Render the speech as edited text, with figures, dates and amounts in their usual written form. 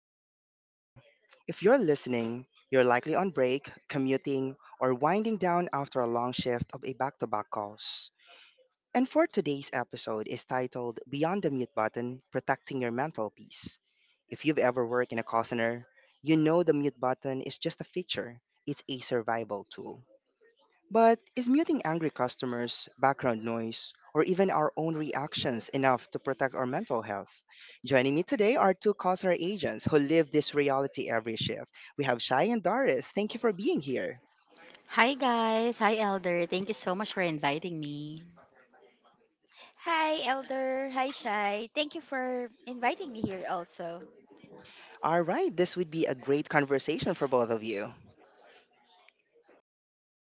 your host, Elder. If you're listening, you're likely on break, commuting, or winding down after a long shift of a back to back calls. And for today's episode is titled Beyond the Mute Button, Protecting Your Mental Peace. If you've ever worked in a call center, you know the mute button is just a feature, it's a survival tool. But is muting angry customers, background noise, or even our own reactions enough to protect our mental health? Joining me today are two cultural agents who live this reality every shift. We have Shai and Doris. Thank you for being here. Hi guys, hi Elder. Thank you so much for inviting me. Hi, Elder. Hi, Shai. Thank you for inviting me here also. All right, this would be a great conversation for both of you.